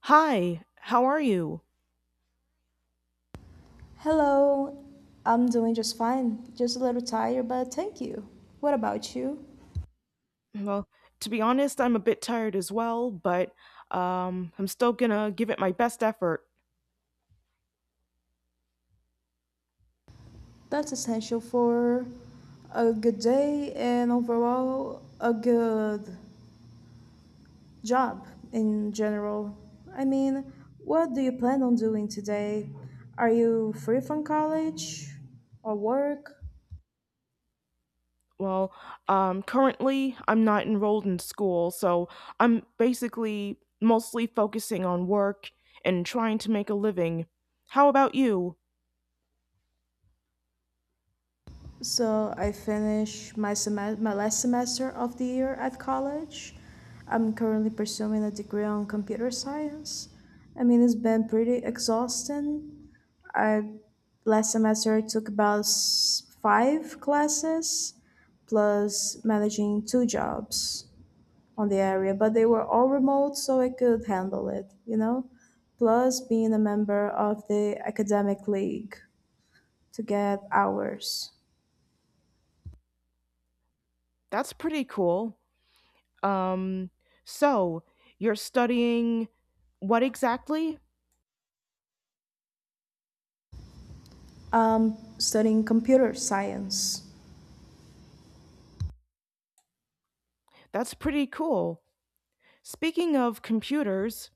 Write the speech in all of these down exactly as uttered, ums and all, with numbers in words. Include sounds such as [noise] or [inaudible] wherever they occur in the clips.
Hi, how are you? Hello, I'm doing just fine. Just a little tired, but thank you. What about you? Well, to be honest, I'm a bit tired as well, but um, I'm still gonna give it my best effort. That's essential for a good day and overall a good job in general. I mean, what do you plan on doing today? Are you free from college or work? Well, um, currently, I'm not enrolled in school, so I'm basically mostly focusing on work and trying to make a living. How about you? So I finished my, seme- my last semester of the year at college. I'm currently pursuing a degree on computer science. I mean, it's been pretty exhausting. I last semester I took about s- five classes, plus managing two jobs on the area, but they were all remote, so I could handle it. You know, Plus being a member of the academic league to get hours. That's pretty cool. Um, so, you're studying what exactly? I'm studying computer science. That's pretty cool. Speaking of computers,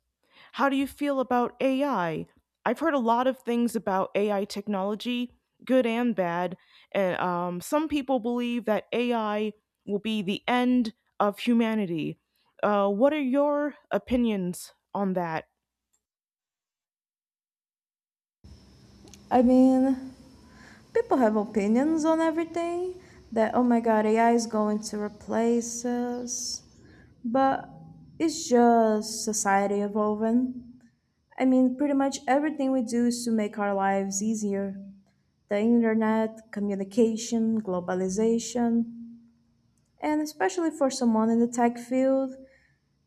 how do you feel about A I? I've heard a lot of things about A I technology, good and bad, and um, some people believe that A I will be the end of humanity. Uh, what are your opinions on that? I mean, people have opinions on everything that, oh my god, A I is going to replace us. But it's just society evolving. I mean, pretty much everything we do is to make our lives easier. The internet, communication, globalization, and especially for someone in the tech field,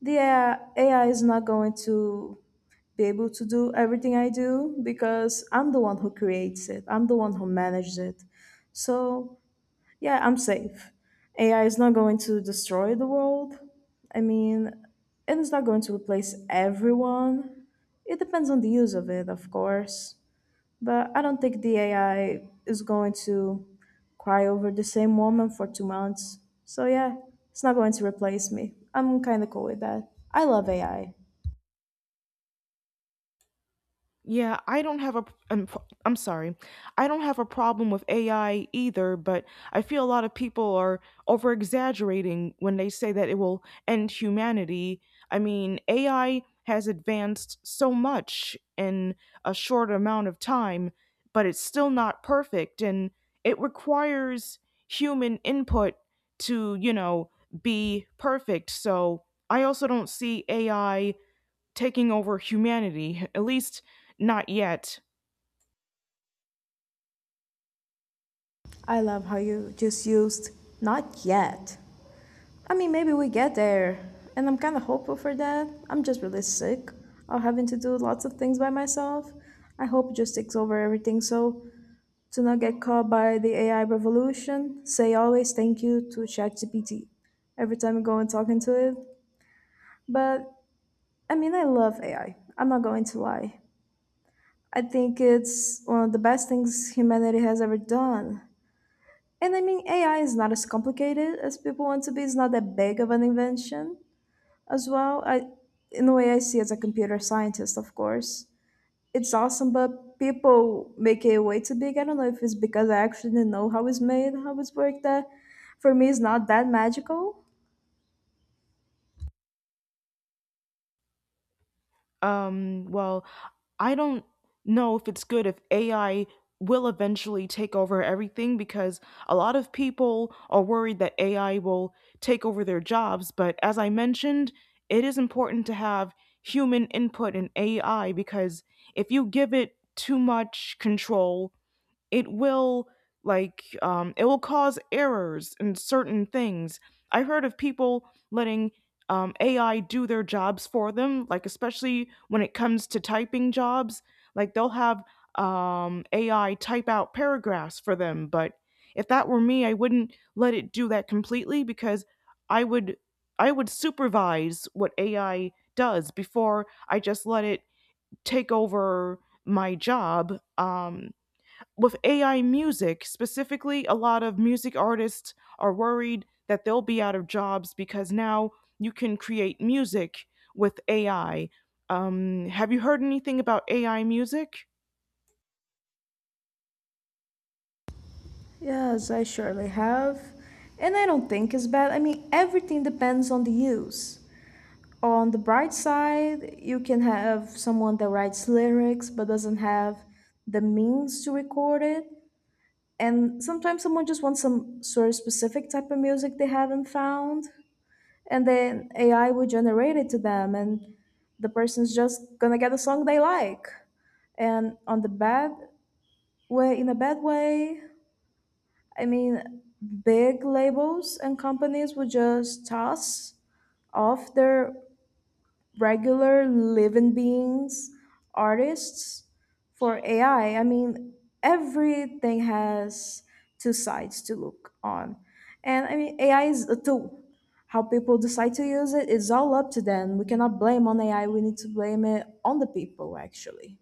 the A I is not going to be able to do everything I do because I'm the one who creates it. I'm the one who manages it. So, yeah, I'm safe. A I is not going to destroy the world. I mean, and it's not going to replace everyone. It depends on the use of it, of course. But I don't think the A I is going to cry over the same woman for two months. So, yeah, it's not going to replace me. I'm kind of cool with that. I love A I. Yeah, I don't have a I'm, I'm sorry. I don't have a problem with A I either, but I feel a lot of people are over exaggerating when they say that it will end humanity. I mean, A I has advanced so much in a short amount of time, but it's still not perfect and it requires human input to, you know, be perfect. So, I also don't see A I taking over humanity, at least not yet. I love how you just used not yet. I mean, maybe we get there, and I'm kind of hopeful for that. I'm just really sick of having to do lots of things by myself. I hope it just takes over everything so to not get caught by the A I revolution, say always thank you to ChatGPT every time I go and talk into it. But I mean, I love A I. I'm not going to lie. I think it's one of the best things humanity has ever done. And I mean, A I is not as complicated as people want to be. It's not that big of an invention as well. I, in the way I see as a computer scientist, of course, it's awesome, but people make it way too big. I don't know if it's because I actually didn't know how it's made, how it's worked. That for me, it's not that magical. Um, well, I don't know if it's good if A I will eventually take over everything because a lot of people are worried that A I will take over their jobs. But as I mentioned, it is important to have human input in A I because if you give it too much control, it will like um, it will cause errors in certain things. I have heard of people letting um, A I do their jobs for them, like especially when it comes to typing jobs. Like they'll have um, A I type out paragraphs for them, but if that were me, I wouldn't let it do that completely because I would I would supervise what A I does before I just let it take over my job. Um, with A I music, specifically, a lot of music artists are worried that they'll be out of jobs because now you can create music with A I. Um, have you heard anything about A I music? Yes, I surely have, and I don't think it's bad. I mean, everything depends on the use. On the bright side, you can have someone that writes lyrics but doesn't have the means to record it. And sometimes someone just wants some sort of specific type of music they haven't found. And then A I will generate it to them, and the person's just gonna get a song they like. And on the bad way, in a bad way, I mean, big labels and companies would just toss off their regular living beings, artists, for A I. I I mean, everything has two sides to look on. And I mean, A I is a tool. How people decide to use it is all up to them. We cannot blame on A I. We need to blame it on the people, actually.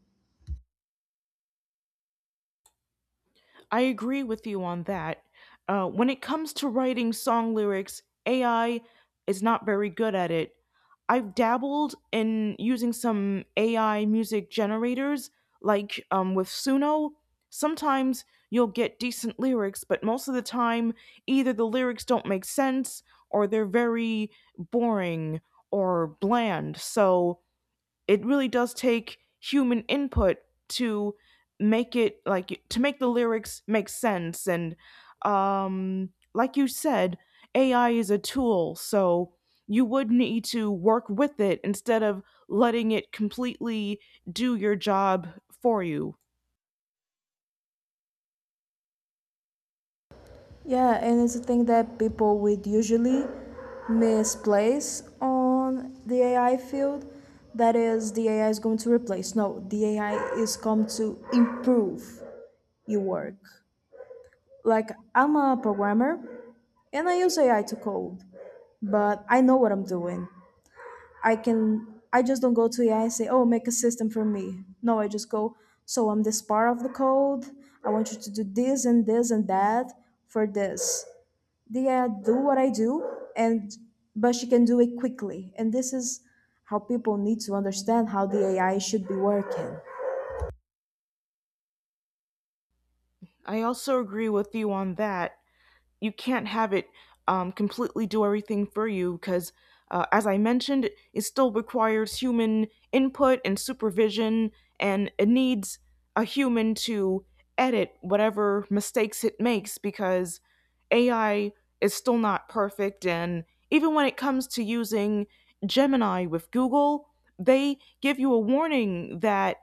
I agree with you on that. Uh, when it comes to writing song lyrics, A I is not very good at it. I've dabbled in using some A I music generators, like um, with Suno. Sometimes you'll get decent lyrics, but most of the time, either the lyrics don't make sense or they're very boring or bland. So it really does take human input to make it like to make the lyrics make sense. And um like you said, AI is a tool, so you would need to work with it instead of letting it completely do your job for you. Yeah, and it's a thing that people would usually misplace on the A I field. That is, the A I is going to replace. No, the A I is come to improve. You work. Like, I'm a programmer and I use A I to code, but I know what I'm doing. I can, I just don't go to A I and say, oh, make a system for me. No, I just go, so I'm this part of the code. I want you to do this and this and that for this. The A I do what I do, and but she can do it quickly. And this is how people need to understand how the A I should be working. I also agree with you on that. You can't have it um, completely do everything for you because, uh, as I mentioned, it still requires human input and supervision, and it needs a human to edit whatever mistakes it makes because A I is still not perfect. And even when it comes to using Gemini with Google, they give you a warning that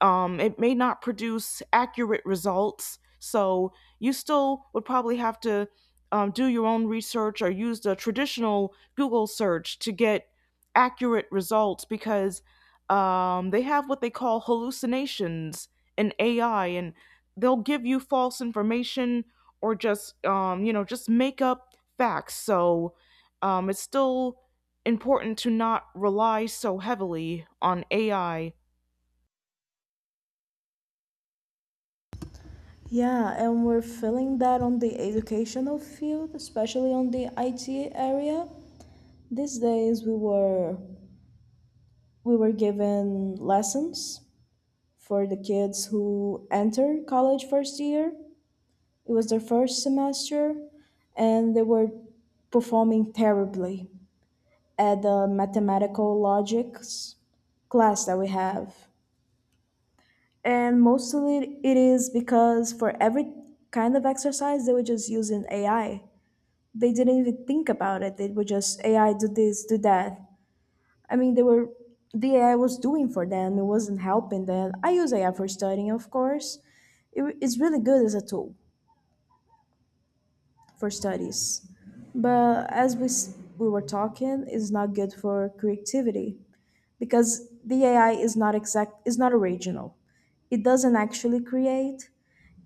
um, it may not produce accurate results, so you still would probably have to um, do your own research or use the traditional Google search to get accurate results because um, they have what they call hallucinations in A I, and they'll give you false information or just um, you know just make up facts. So um, it's still important to not rely so heavily on A I. Yeah, and we're feeling that on the educational field, especially on the I T area. These days we were we were given lessons for the kids who enter college first year. It was their first semester and they were performing terribly at the mathematical logics class that we have. And mostly it is because for every kind of exercise they were just using A I, they didn't even think about it. It was just A I do this, do that. I mean, they were the A I was doing for them. It wasn't helping them. I use A I for studying, of course. It, it's really good as a tool for studies, but as we s- we were talking, it's not good for creativity because the A I is not exact. Is not original. It doesn't actually create.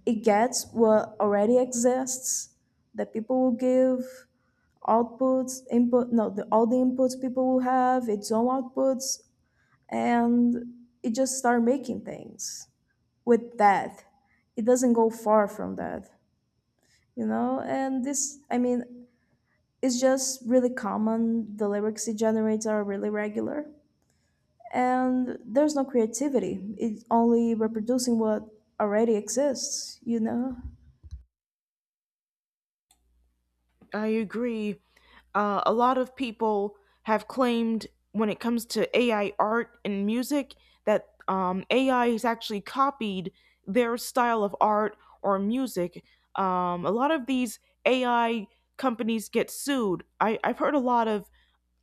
It gets what already exists that people will give outputs input no the, all the inputs people will have its own outputs, and it just start making things with that. It doesn't go far from that you know and this I mean It's just really common, the lyrics it generates are really regular, and there's no creativity, it's only reproducing what already exists, you know. I I agree. Uh, a lot of people have claimed, when it comes to A I art and music, that um, A I has actually copied their style of art or music. Um, a lot of these A I companies get sued. I, I've heard a lot of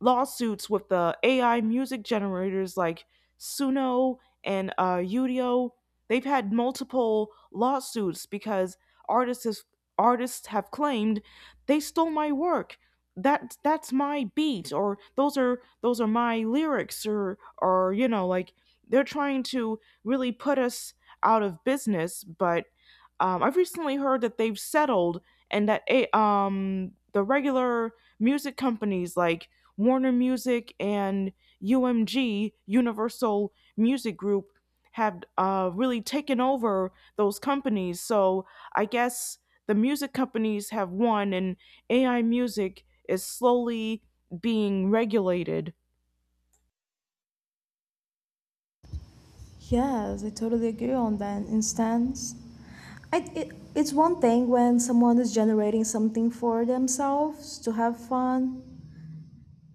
lawsuits with the A I music generators like Suno and uh, Udio. They've had multiple lawsuits because artists has, artists have claimed they stole my work. That that's my beat, or those are those are my lyrics, or or you know like they're trying to really put us out of business. But um, I've recently heard that they've settled, and that a um the regular music companies like Warner Music and U M G, Universal Music Group, have uh, really taken over those companies. So I guess the music companies have won, and A I music is slowly being regulated. Yes, I totally agree on that instance. I, it, it's one thing when someone is generating something for themselves to have fun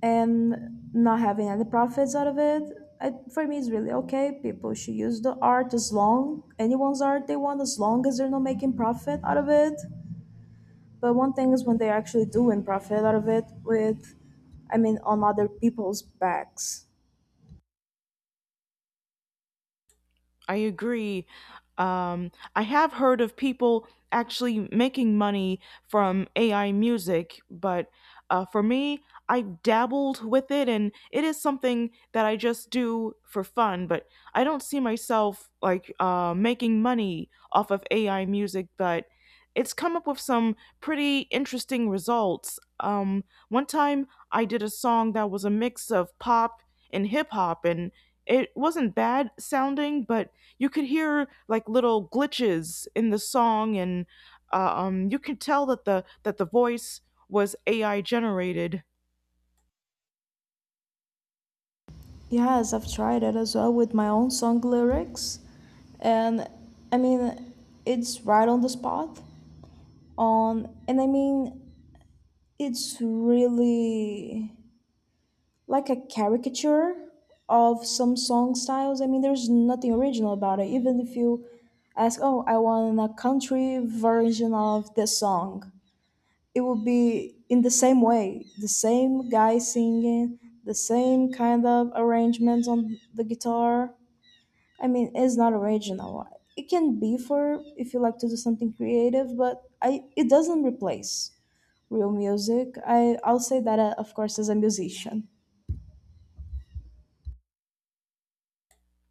and not having any profits out of it. I, for me, it's really okay. People should use the art as long anyone's art they want, as long as they're not making profit out of it. But one thing is when they're actually doing profit out of it with, I mean, on other people's backs. I agree. Um, I have heard of people actually making money from A I music, but uh, for me, I've dabbled with it and it is something that I just do for fun, but I don't see myself like uh, making money off of A I music, but it's come up with some pretty interesting results. Um, one time I did a song that was a mix of pop and hip hop and it wasn't bad sounding, but you could hear like little glitches in the song, and uh, um, you could tell that the that the voice was A I generated. Yes, I've tried it as well with my own song lyrics, and I mean, it's right on the spot on and I mean it's really like a caricature of some song styles. I mean, there's nothing original about it. Even if you ask, oh, I want a country version of this song, it would be in the same way, the same guy singing, the same kind of arrangements on the guitar. I mean, it's not original. It can be for if you like to do something creative, but I it doesn't replace real music. I I'll say that, uh, of course, as a musician.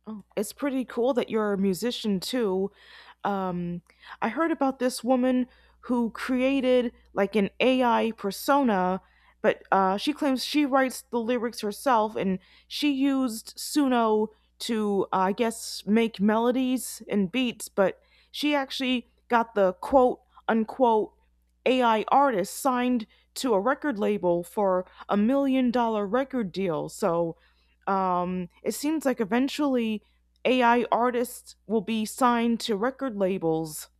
Oh, it's pretty cool that you're a musician too. Um, I heard about this woman who created like an A I persona, but uh, she claims she writes the lyrics herself and she used Suno to, uh, I guess, make melodies and beats, but she actually got the quote unquote A I artist signed to a record label for a million dollar record deal. So, um, it seems like eventually A I artists will be signed to record labels.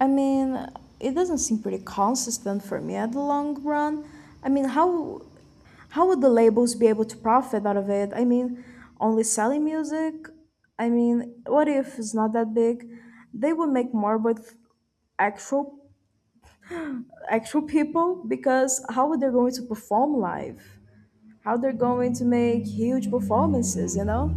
I mean, it doesn't seem pretty consistent for me at the long run. I mean, how how would the labels be able to profit out of it? I mean, only selling music. I mean, what if it's not that big? They would make more with actual actual people because how are they going to perform live? How they're going to make huge performances, you know?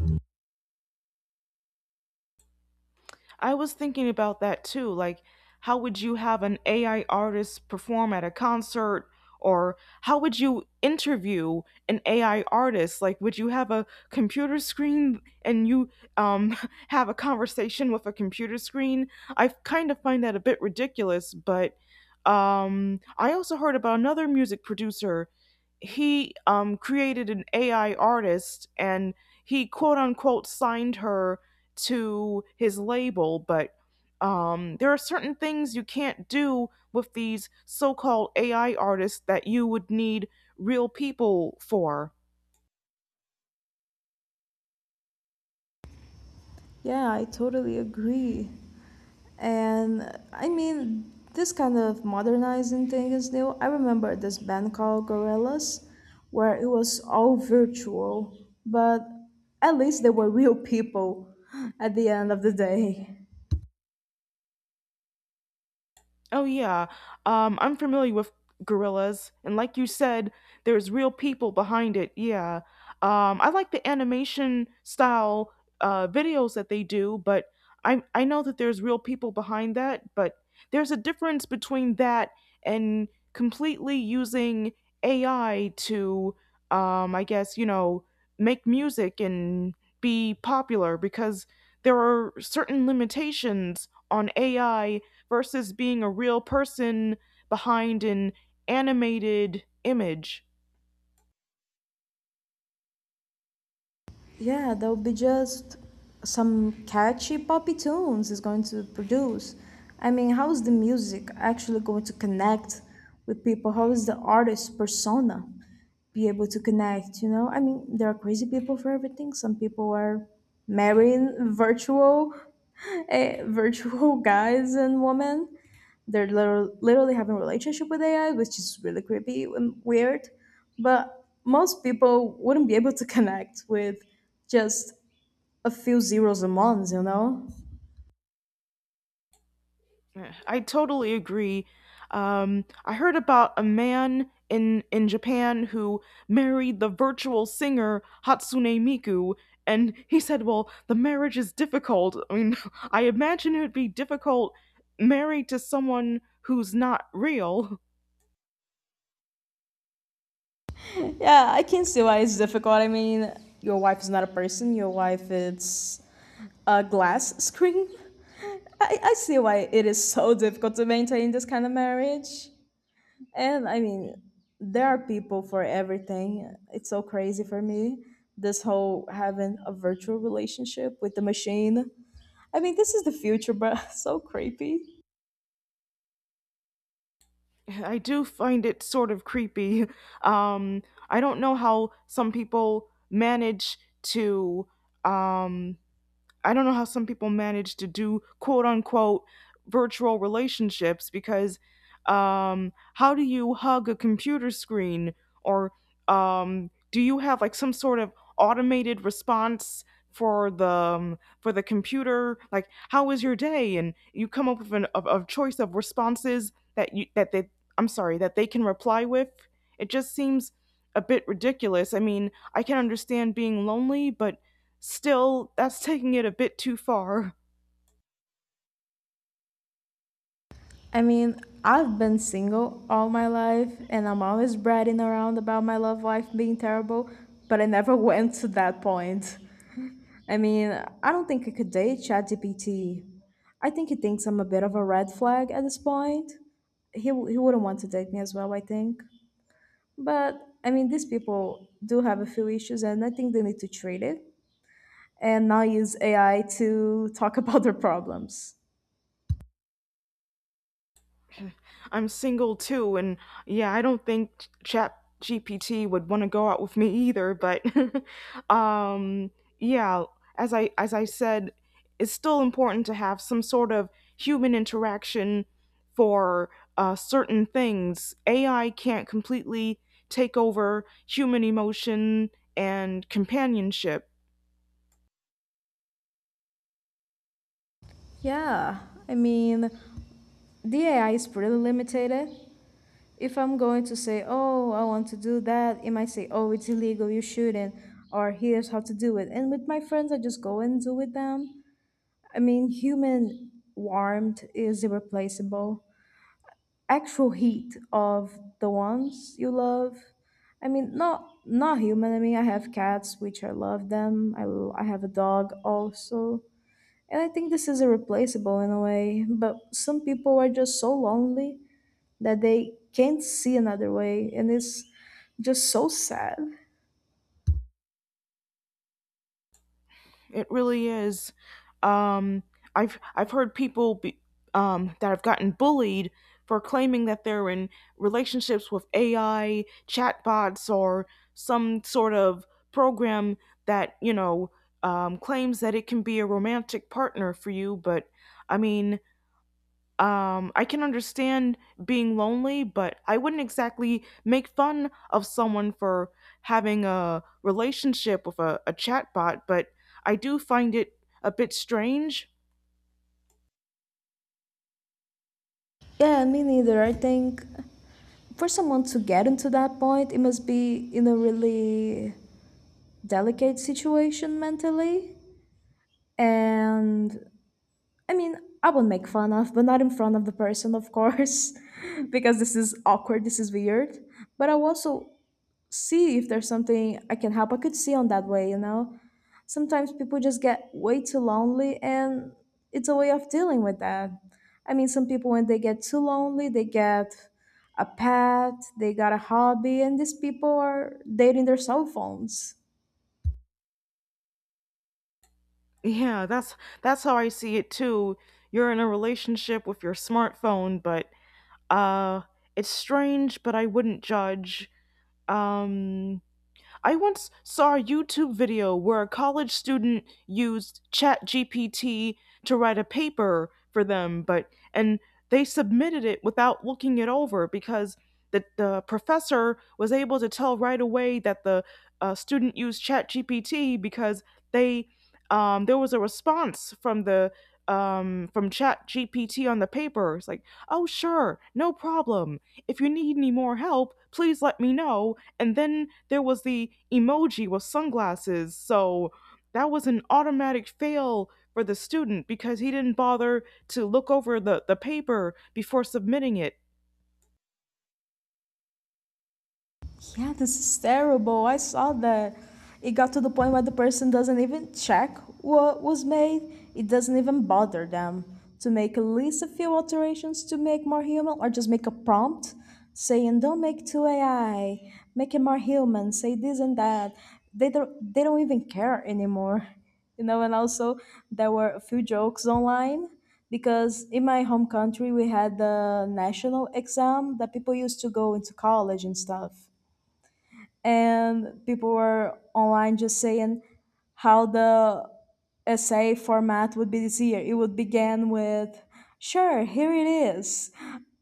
I was thinking about that too. Like, how would you have an A I artist perform at a concert? Or how would you interview an A I artist? Like, would you have a computer screen and you um, [laughs] have a conversation with a computer screen? I kind of find that a bit ridiculous, but um, I also heard about another music producer. He um, created an A I artist and he quote unquote signed her to his label, but um, there are certain things you can't do with these so called A I artists that you would need real people for. Yeah, I totally agree. And I mean, this kind of modernizing thing is new. I remember this band called Gorillaz, where it was all virtual, but at least they were real people at the end of the day. Oh yeah, um, I'm familiar with gorillas, and like you said, there's real people behind it. Yeah, um, I like the animation style uh, videos that they do, but I I know that there's real people behind that. But there's a difference between that and completely using A I to, um, I guess, you know, make music and be popular because there are certain limitations on A I versus being a real person behind an animated image. Yeah, there'll be just some catchy poppy tunes is going to produce. I mean, how is the music actually going to connect with people? How is the artist persona be able to connect? You know, I mean, there are crazy people for everything. Some people are marrying virtual, [laughs] eh, virtual guys and women. They're literally, literally having a relationship with A I, which is really creepy and weird. But most people wouldn't be able to connect with just a few zeros and ones, you know? I totally agree. Um, I heard about a man in in Japan who married the virtual singer Hatsune Miku, and he said, "Well, the marriage is difficult. I mean, [laughs] I imagine it would be difficult married to someone who's not real." [laughs] Yeah, I can see why it's difficult. I mean, your wife is not a person, your wife is a glass screen. I, I see why it is so difficult to maintain this kind of marriage. And I mean, there are people for everything. It's so crazy for me. This whole having a virtual relationship with the machine. I mean, this is the future, but [laughs] so creepy. I do find it sort of creepy. Um, I don't know how some people manage to um, I don't know how some people manage to do quote unquote virtual relationships because, um, how do you hug a computer screen, or um, do you have like some sort of automated response for the um, for the computer, like how is your day, and you come up with an of, of choice of responses that you that they I'm sorry, that they can reply with? It just seems a bit ridiculous. I mean, I can understand being lonely, but still, that's taking it a bit too far. I mean, I've been single all my life and I'm always bragging around about my love life being terrible, but I never [laughs] went to that point. I mean, I don't think I could date ChatGPT. I think he thinks I'm a bit of a red flag at this point. He, he wouldn't want to date me as well, I think. But I mean, these people do have a few issues, and I think they need to treat it and not use A I to talk [laughs] about their problems. I'm single too, and yeah, I don't think Chat G P T would want to go out with me either. But, [laughs] um, yeah, as I as I said, it's still important to have some sort of human interaction for uh, certain things. A I can't completely take over human emotion and companionship. Yeah, I mean, the A I is pretty limited. If I'm going to say, oh, I want to do that, it might say, oh, it's illegal, you shouldn't, or here's how to do it. And with my friends, I just go and do with them. I mean, human warmth is irreplaceable. Actual heat of the ones you love. I mean, not not human. I mean, I have cats which I love them, i, l- I have a dog also, and I think this is irreplaceable in a way, but some people are just so lonely that they can't see another way, and it's just so sad. It really is. Um, I've I've heard people be, um, that have gotten bullied for claiming that they're in relationships with A I chatbots or some sort of program that you know um, claims that it can be a romantic partner for you. But I mean, um, I can understand being lonely, but I wouldn't exactly make fun of someone for having a relationship with a, a chatbot, but I do find it a bit strange. [laughs] Yeah, me neither. I think for someone to get into that point, it must be in a really delicate situation mentally. And I mean, I will make fun of, but not in front of the person, of course, [laughs] because this is awkward, this is weird. But I'll also see if there's something I can help. I could see on that way, you know? Sometimes people just get way too lonely, and it's a way of dealing with that. I mean, some people, when they get too lonely, they get a pet, they got a hobby, and these people are dating their cell phones. Yeah, that's that's how I see it too. You're in a relationship with your smartphone, but uh it's strange, but I wouldn't judge. Um I once saw a YouTube video where a college student used ChatGPT to write a paper for them, but and they submitted it without looking it over because the, the professor was able to tell right away that the uh, student used ChatGPT because they um, there was a response from the um, from ChatGPT on the paper. It's like, oh sure, no problem. If you need any more help, please let me know, and then there was the emoji with sunglasses. So that was an automatic fail for the student because he didn't bother to look over the, the paper before submitting it. Yeah, this is terrible. I saw that. It got to the point where the person doesn't even check what was made. It doesn't even bother them to make at least a few alterations to make more human or just make a prompt saying don't make two A I, make it more human, say this and that. They don't they don't even care anymore. [laughs] You know, and also there were a few jokes online because in my home country we had the national exam that people used to go into college and stuff, and people were online just saying how the essay format would be this year. It would begin with, "Sure, here it is,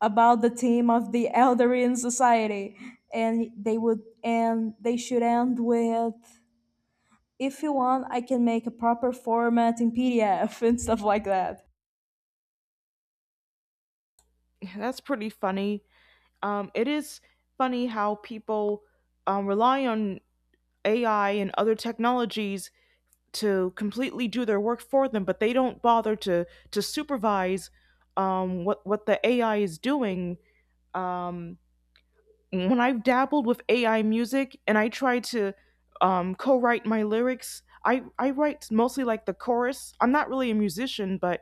about the theme of the [laughs] Eldarian society," and they would and they should end with, "If you want, I can make a proper format in P D F" [laughs] and stuff like that. [sighs] That's pretty funny. Um, it is funny how people um, rely on A I and other technologies to completely do their work for them, but they don't bother to to supervise um, what what the A I is doing. Um, when I've dabbled with A I music and I try to um, co-write my lyrics, I I write mostly like the chorus. I'm not really a musician, but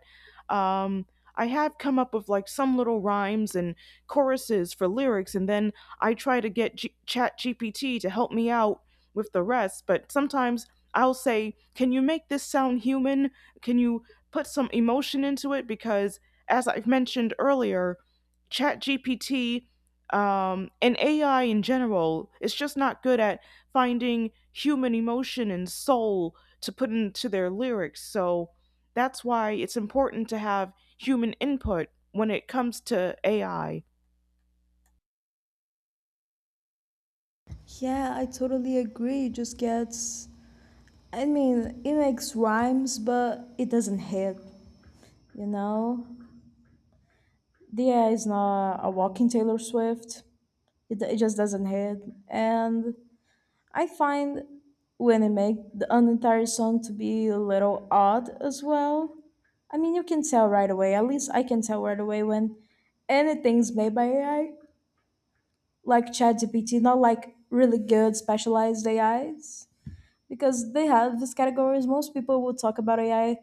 um, I have come up with like some little rhymes and choruses for lyrics, and then I try to get G- Chat G P T to help me out with the rest. But sometimes I'll say, "Can you make this sound human? Can you put some emotion into it?" Because as I've mentioned earlier, Chat G P T um, and A I in general is just not good at finding human emotion and soul to put into their lyrics. So that's why it's important to have human input when it comes to A I. Yeah, I totally agree. It just gets. I mean, it makes rhymes, but it doesn't hit, you know? Yeah, it's not a walking Taylor Swift. It, it just doesn't hit. And I find when I make the, an entire song to be a little odd as well. I mean, you can tell right away. At least I can tell right away when anything's made by A I, like ChatGPT, not like really good specialized A Is, because they have these categories. Most people will talk about A I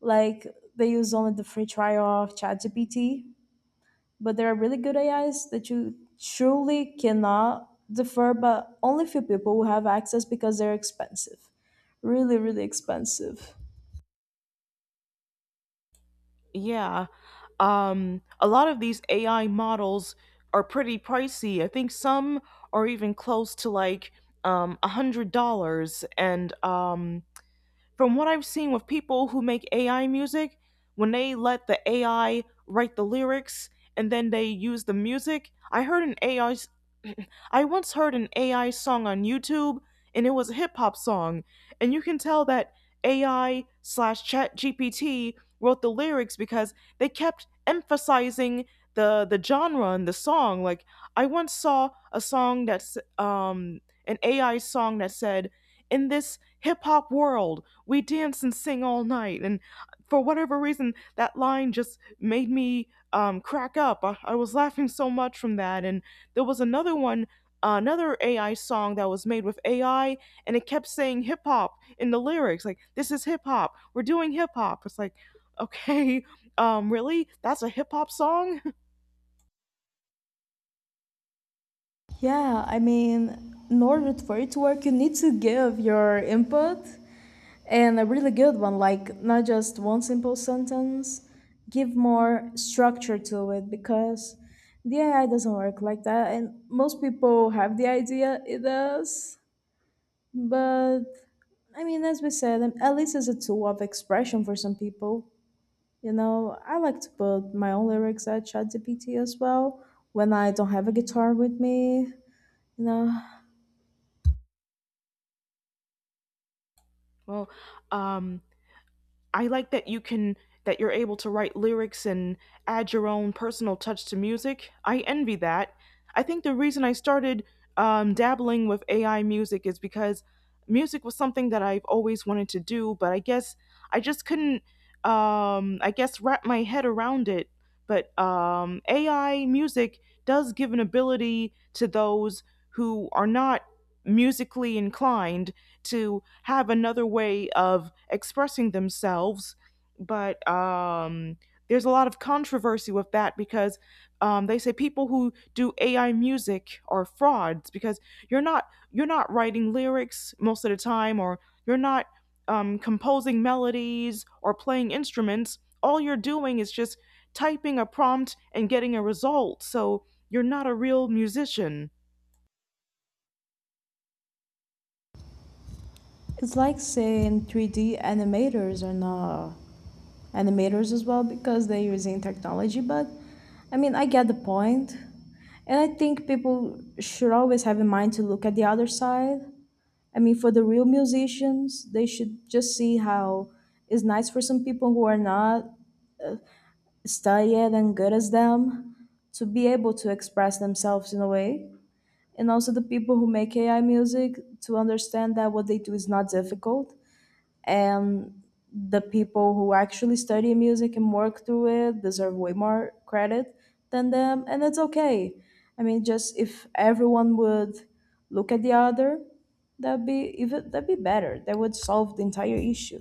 like they use only the free trial of ChatGPT, but there are really good A Is that you truly cannot defer, but only few people will have access because they're expensive. Really, really expensive. Yeah. Um, a lot of these A I models are pretty pricey. I think some are even close to like um, one hundred dollars. And um, from what I've seen with people who make A I music, when they let the A I write the lyrics and then they use the music, I heard an A I s- [clears throat] I once heard an A I song on YouTube, and it was a hip hop song. And you can tell that A I slash chat G P T wrote the lyrics because they kept emphasizing the, the genre and the song. Like, I once saw a song that's um an A I song that said, "In this hip hop world, we dance and sing all night." And for whatever reason, that line just made me um, crack up. I, I was laughing so much from that. And there was another one, uh, another A I song that was made with A I, and it kept saying hip hop in the lyrics. Like, "This is hip hop. We're doing hip hop." It's like, okay, um, really? That's a hip hop song? Yeah, I mean, in order for it to work, you need to give your input and a really good one, like not just one simple sentence, give more structure to it because the A I doesn't work like that. And most people have the idea it does, but I mean, as we said, um, at least it's a tool of expression for some people. You know, I like to put my own lyrics at ChatGPT as well when I don't have a guitar with me. You know, [laughs] Well, um, I like that you can that you're able to write lyrics and add your own personal touch to music. I envy that. I think the reason I started um, dabbling with A I music is because music was something that I've always wanted to do, but I guess I just couldn't, um, I guess, wrap my head around it. But um, A I music does give an ability to those who are not musically inclined to have another way of expressing themselves. But um, there's a lot of controversy with that because um, they say people who do A I music are frauds because you're not you're not writing lyrics most of the time, or you're not um, composing melodies or playing instruments. All you're doing is just typing a prompt and getting a result. So you're not a real musician. it's like saying three D animators are not animators as well because they're using technology, but I mean, I get the point. And I think people should always have in mind to look at the other side. I mean, for the real musicians, they should just see how it's nice for some people who are not studied and good as them to be able to express themselves in a way. And also the people who make A I music to understand that what they do is not difficult. And the people who actually study music and work through it deserve way more credit than them. And it's okay. I mean, just if everyone would look at the other, that'd be even that'd be better. That would solve the entire issue.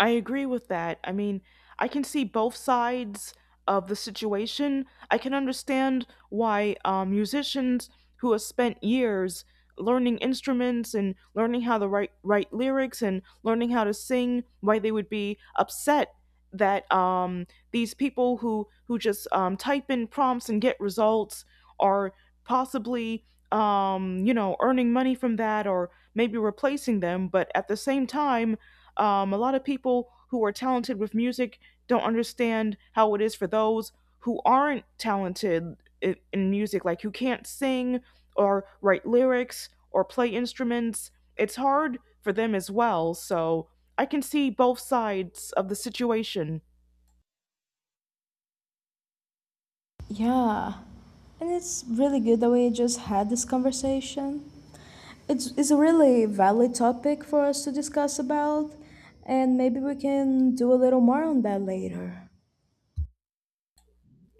I agree with that. I mean, I can see both sides of the situation. I can understand why um, musicians who have spent years learning instruments and learning how to write write lyrics and learning how to sing, why they would be upset that um, these people who who just um, type in prompts and get results are possibly um, you know earning money from that or maybe replacing them. But at the same time um, a lot of people who are talented with music don't understand how it is for those who aren't talented in, in music, like who can't sing or write lyrics or play instruments. It's hard for them as well. So I can see both sides of the situation. Yeah. And it's really good that we just had this conversation. It's, it's a really valid topic for us to discuss about, and maybe we can do a little more on that later.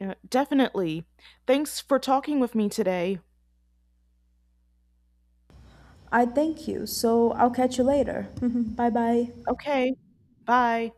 Yeah, definitely. Thanks for talking with me today. I thank you, so I'll catch you later. [laughs] Bye bye. Okay, bye.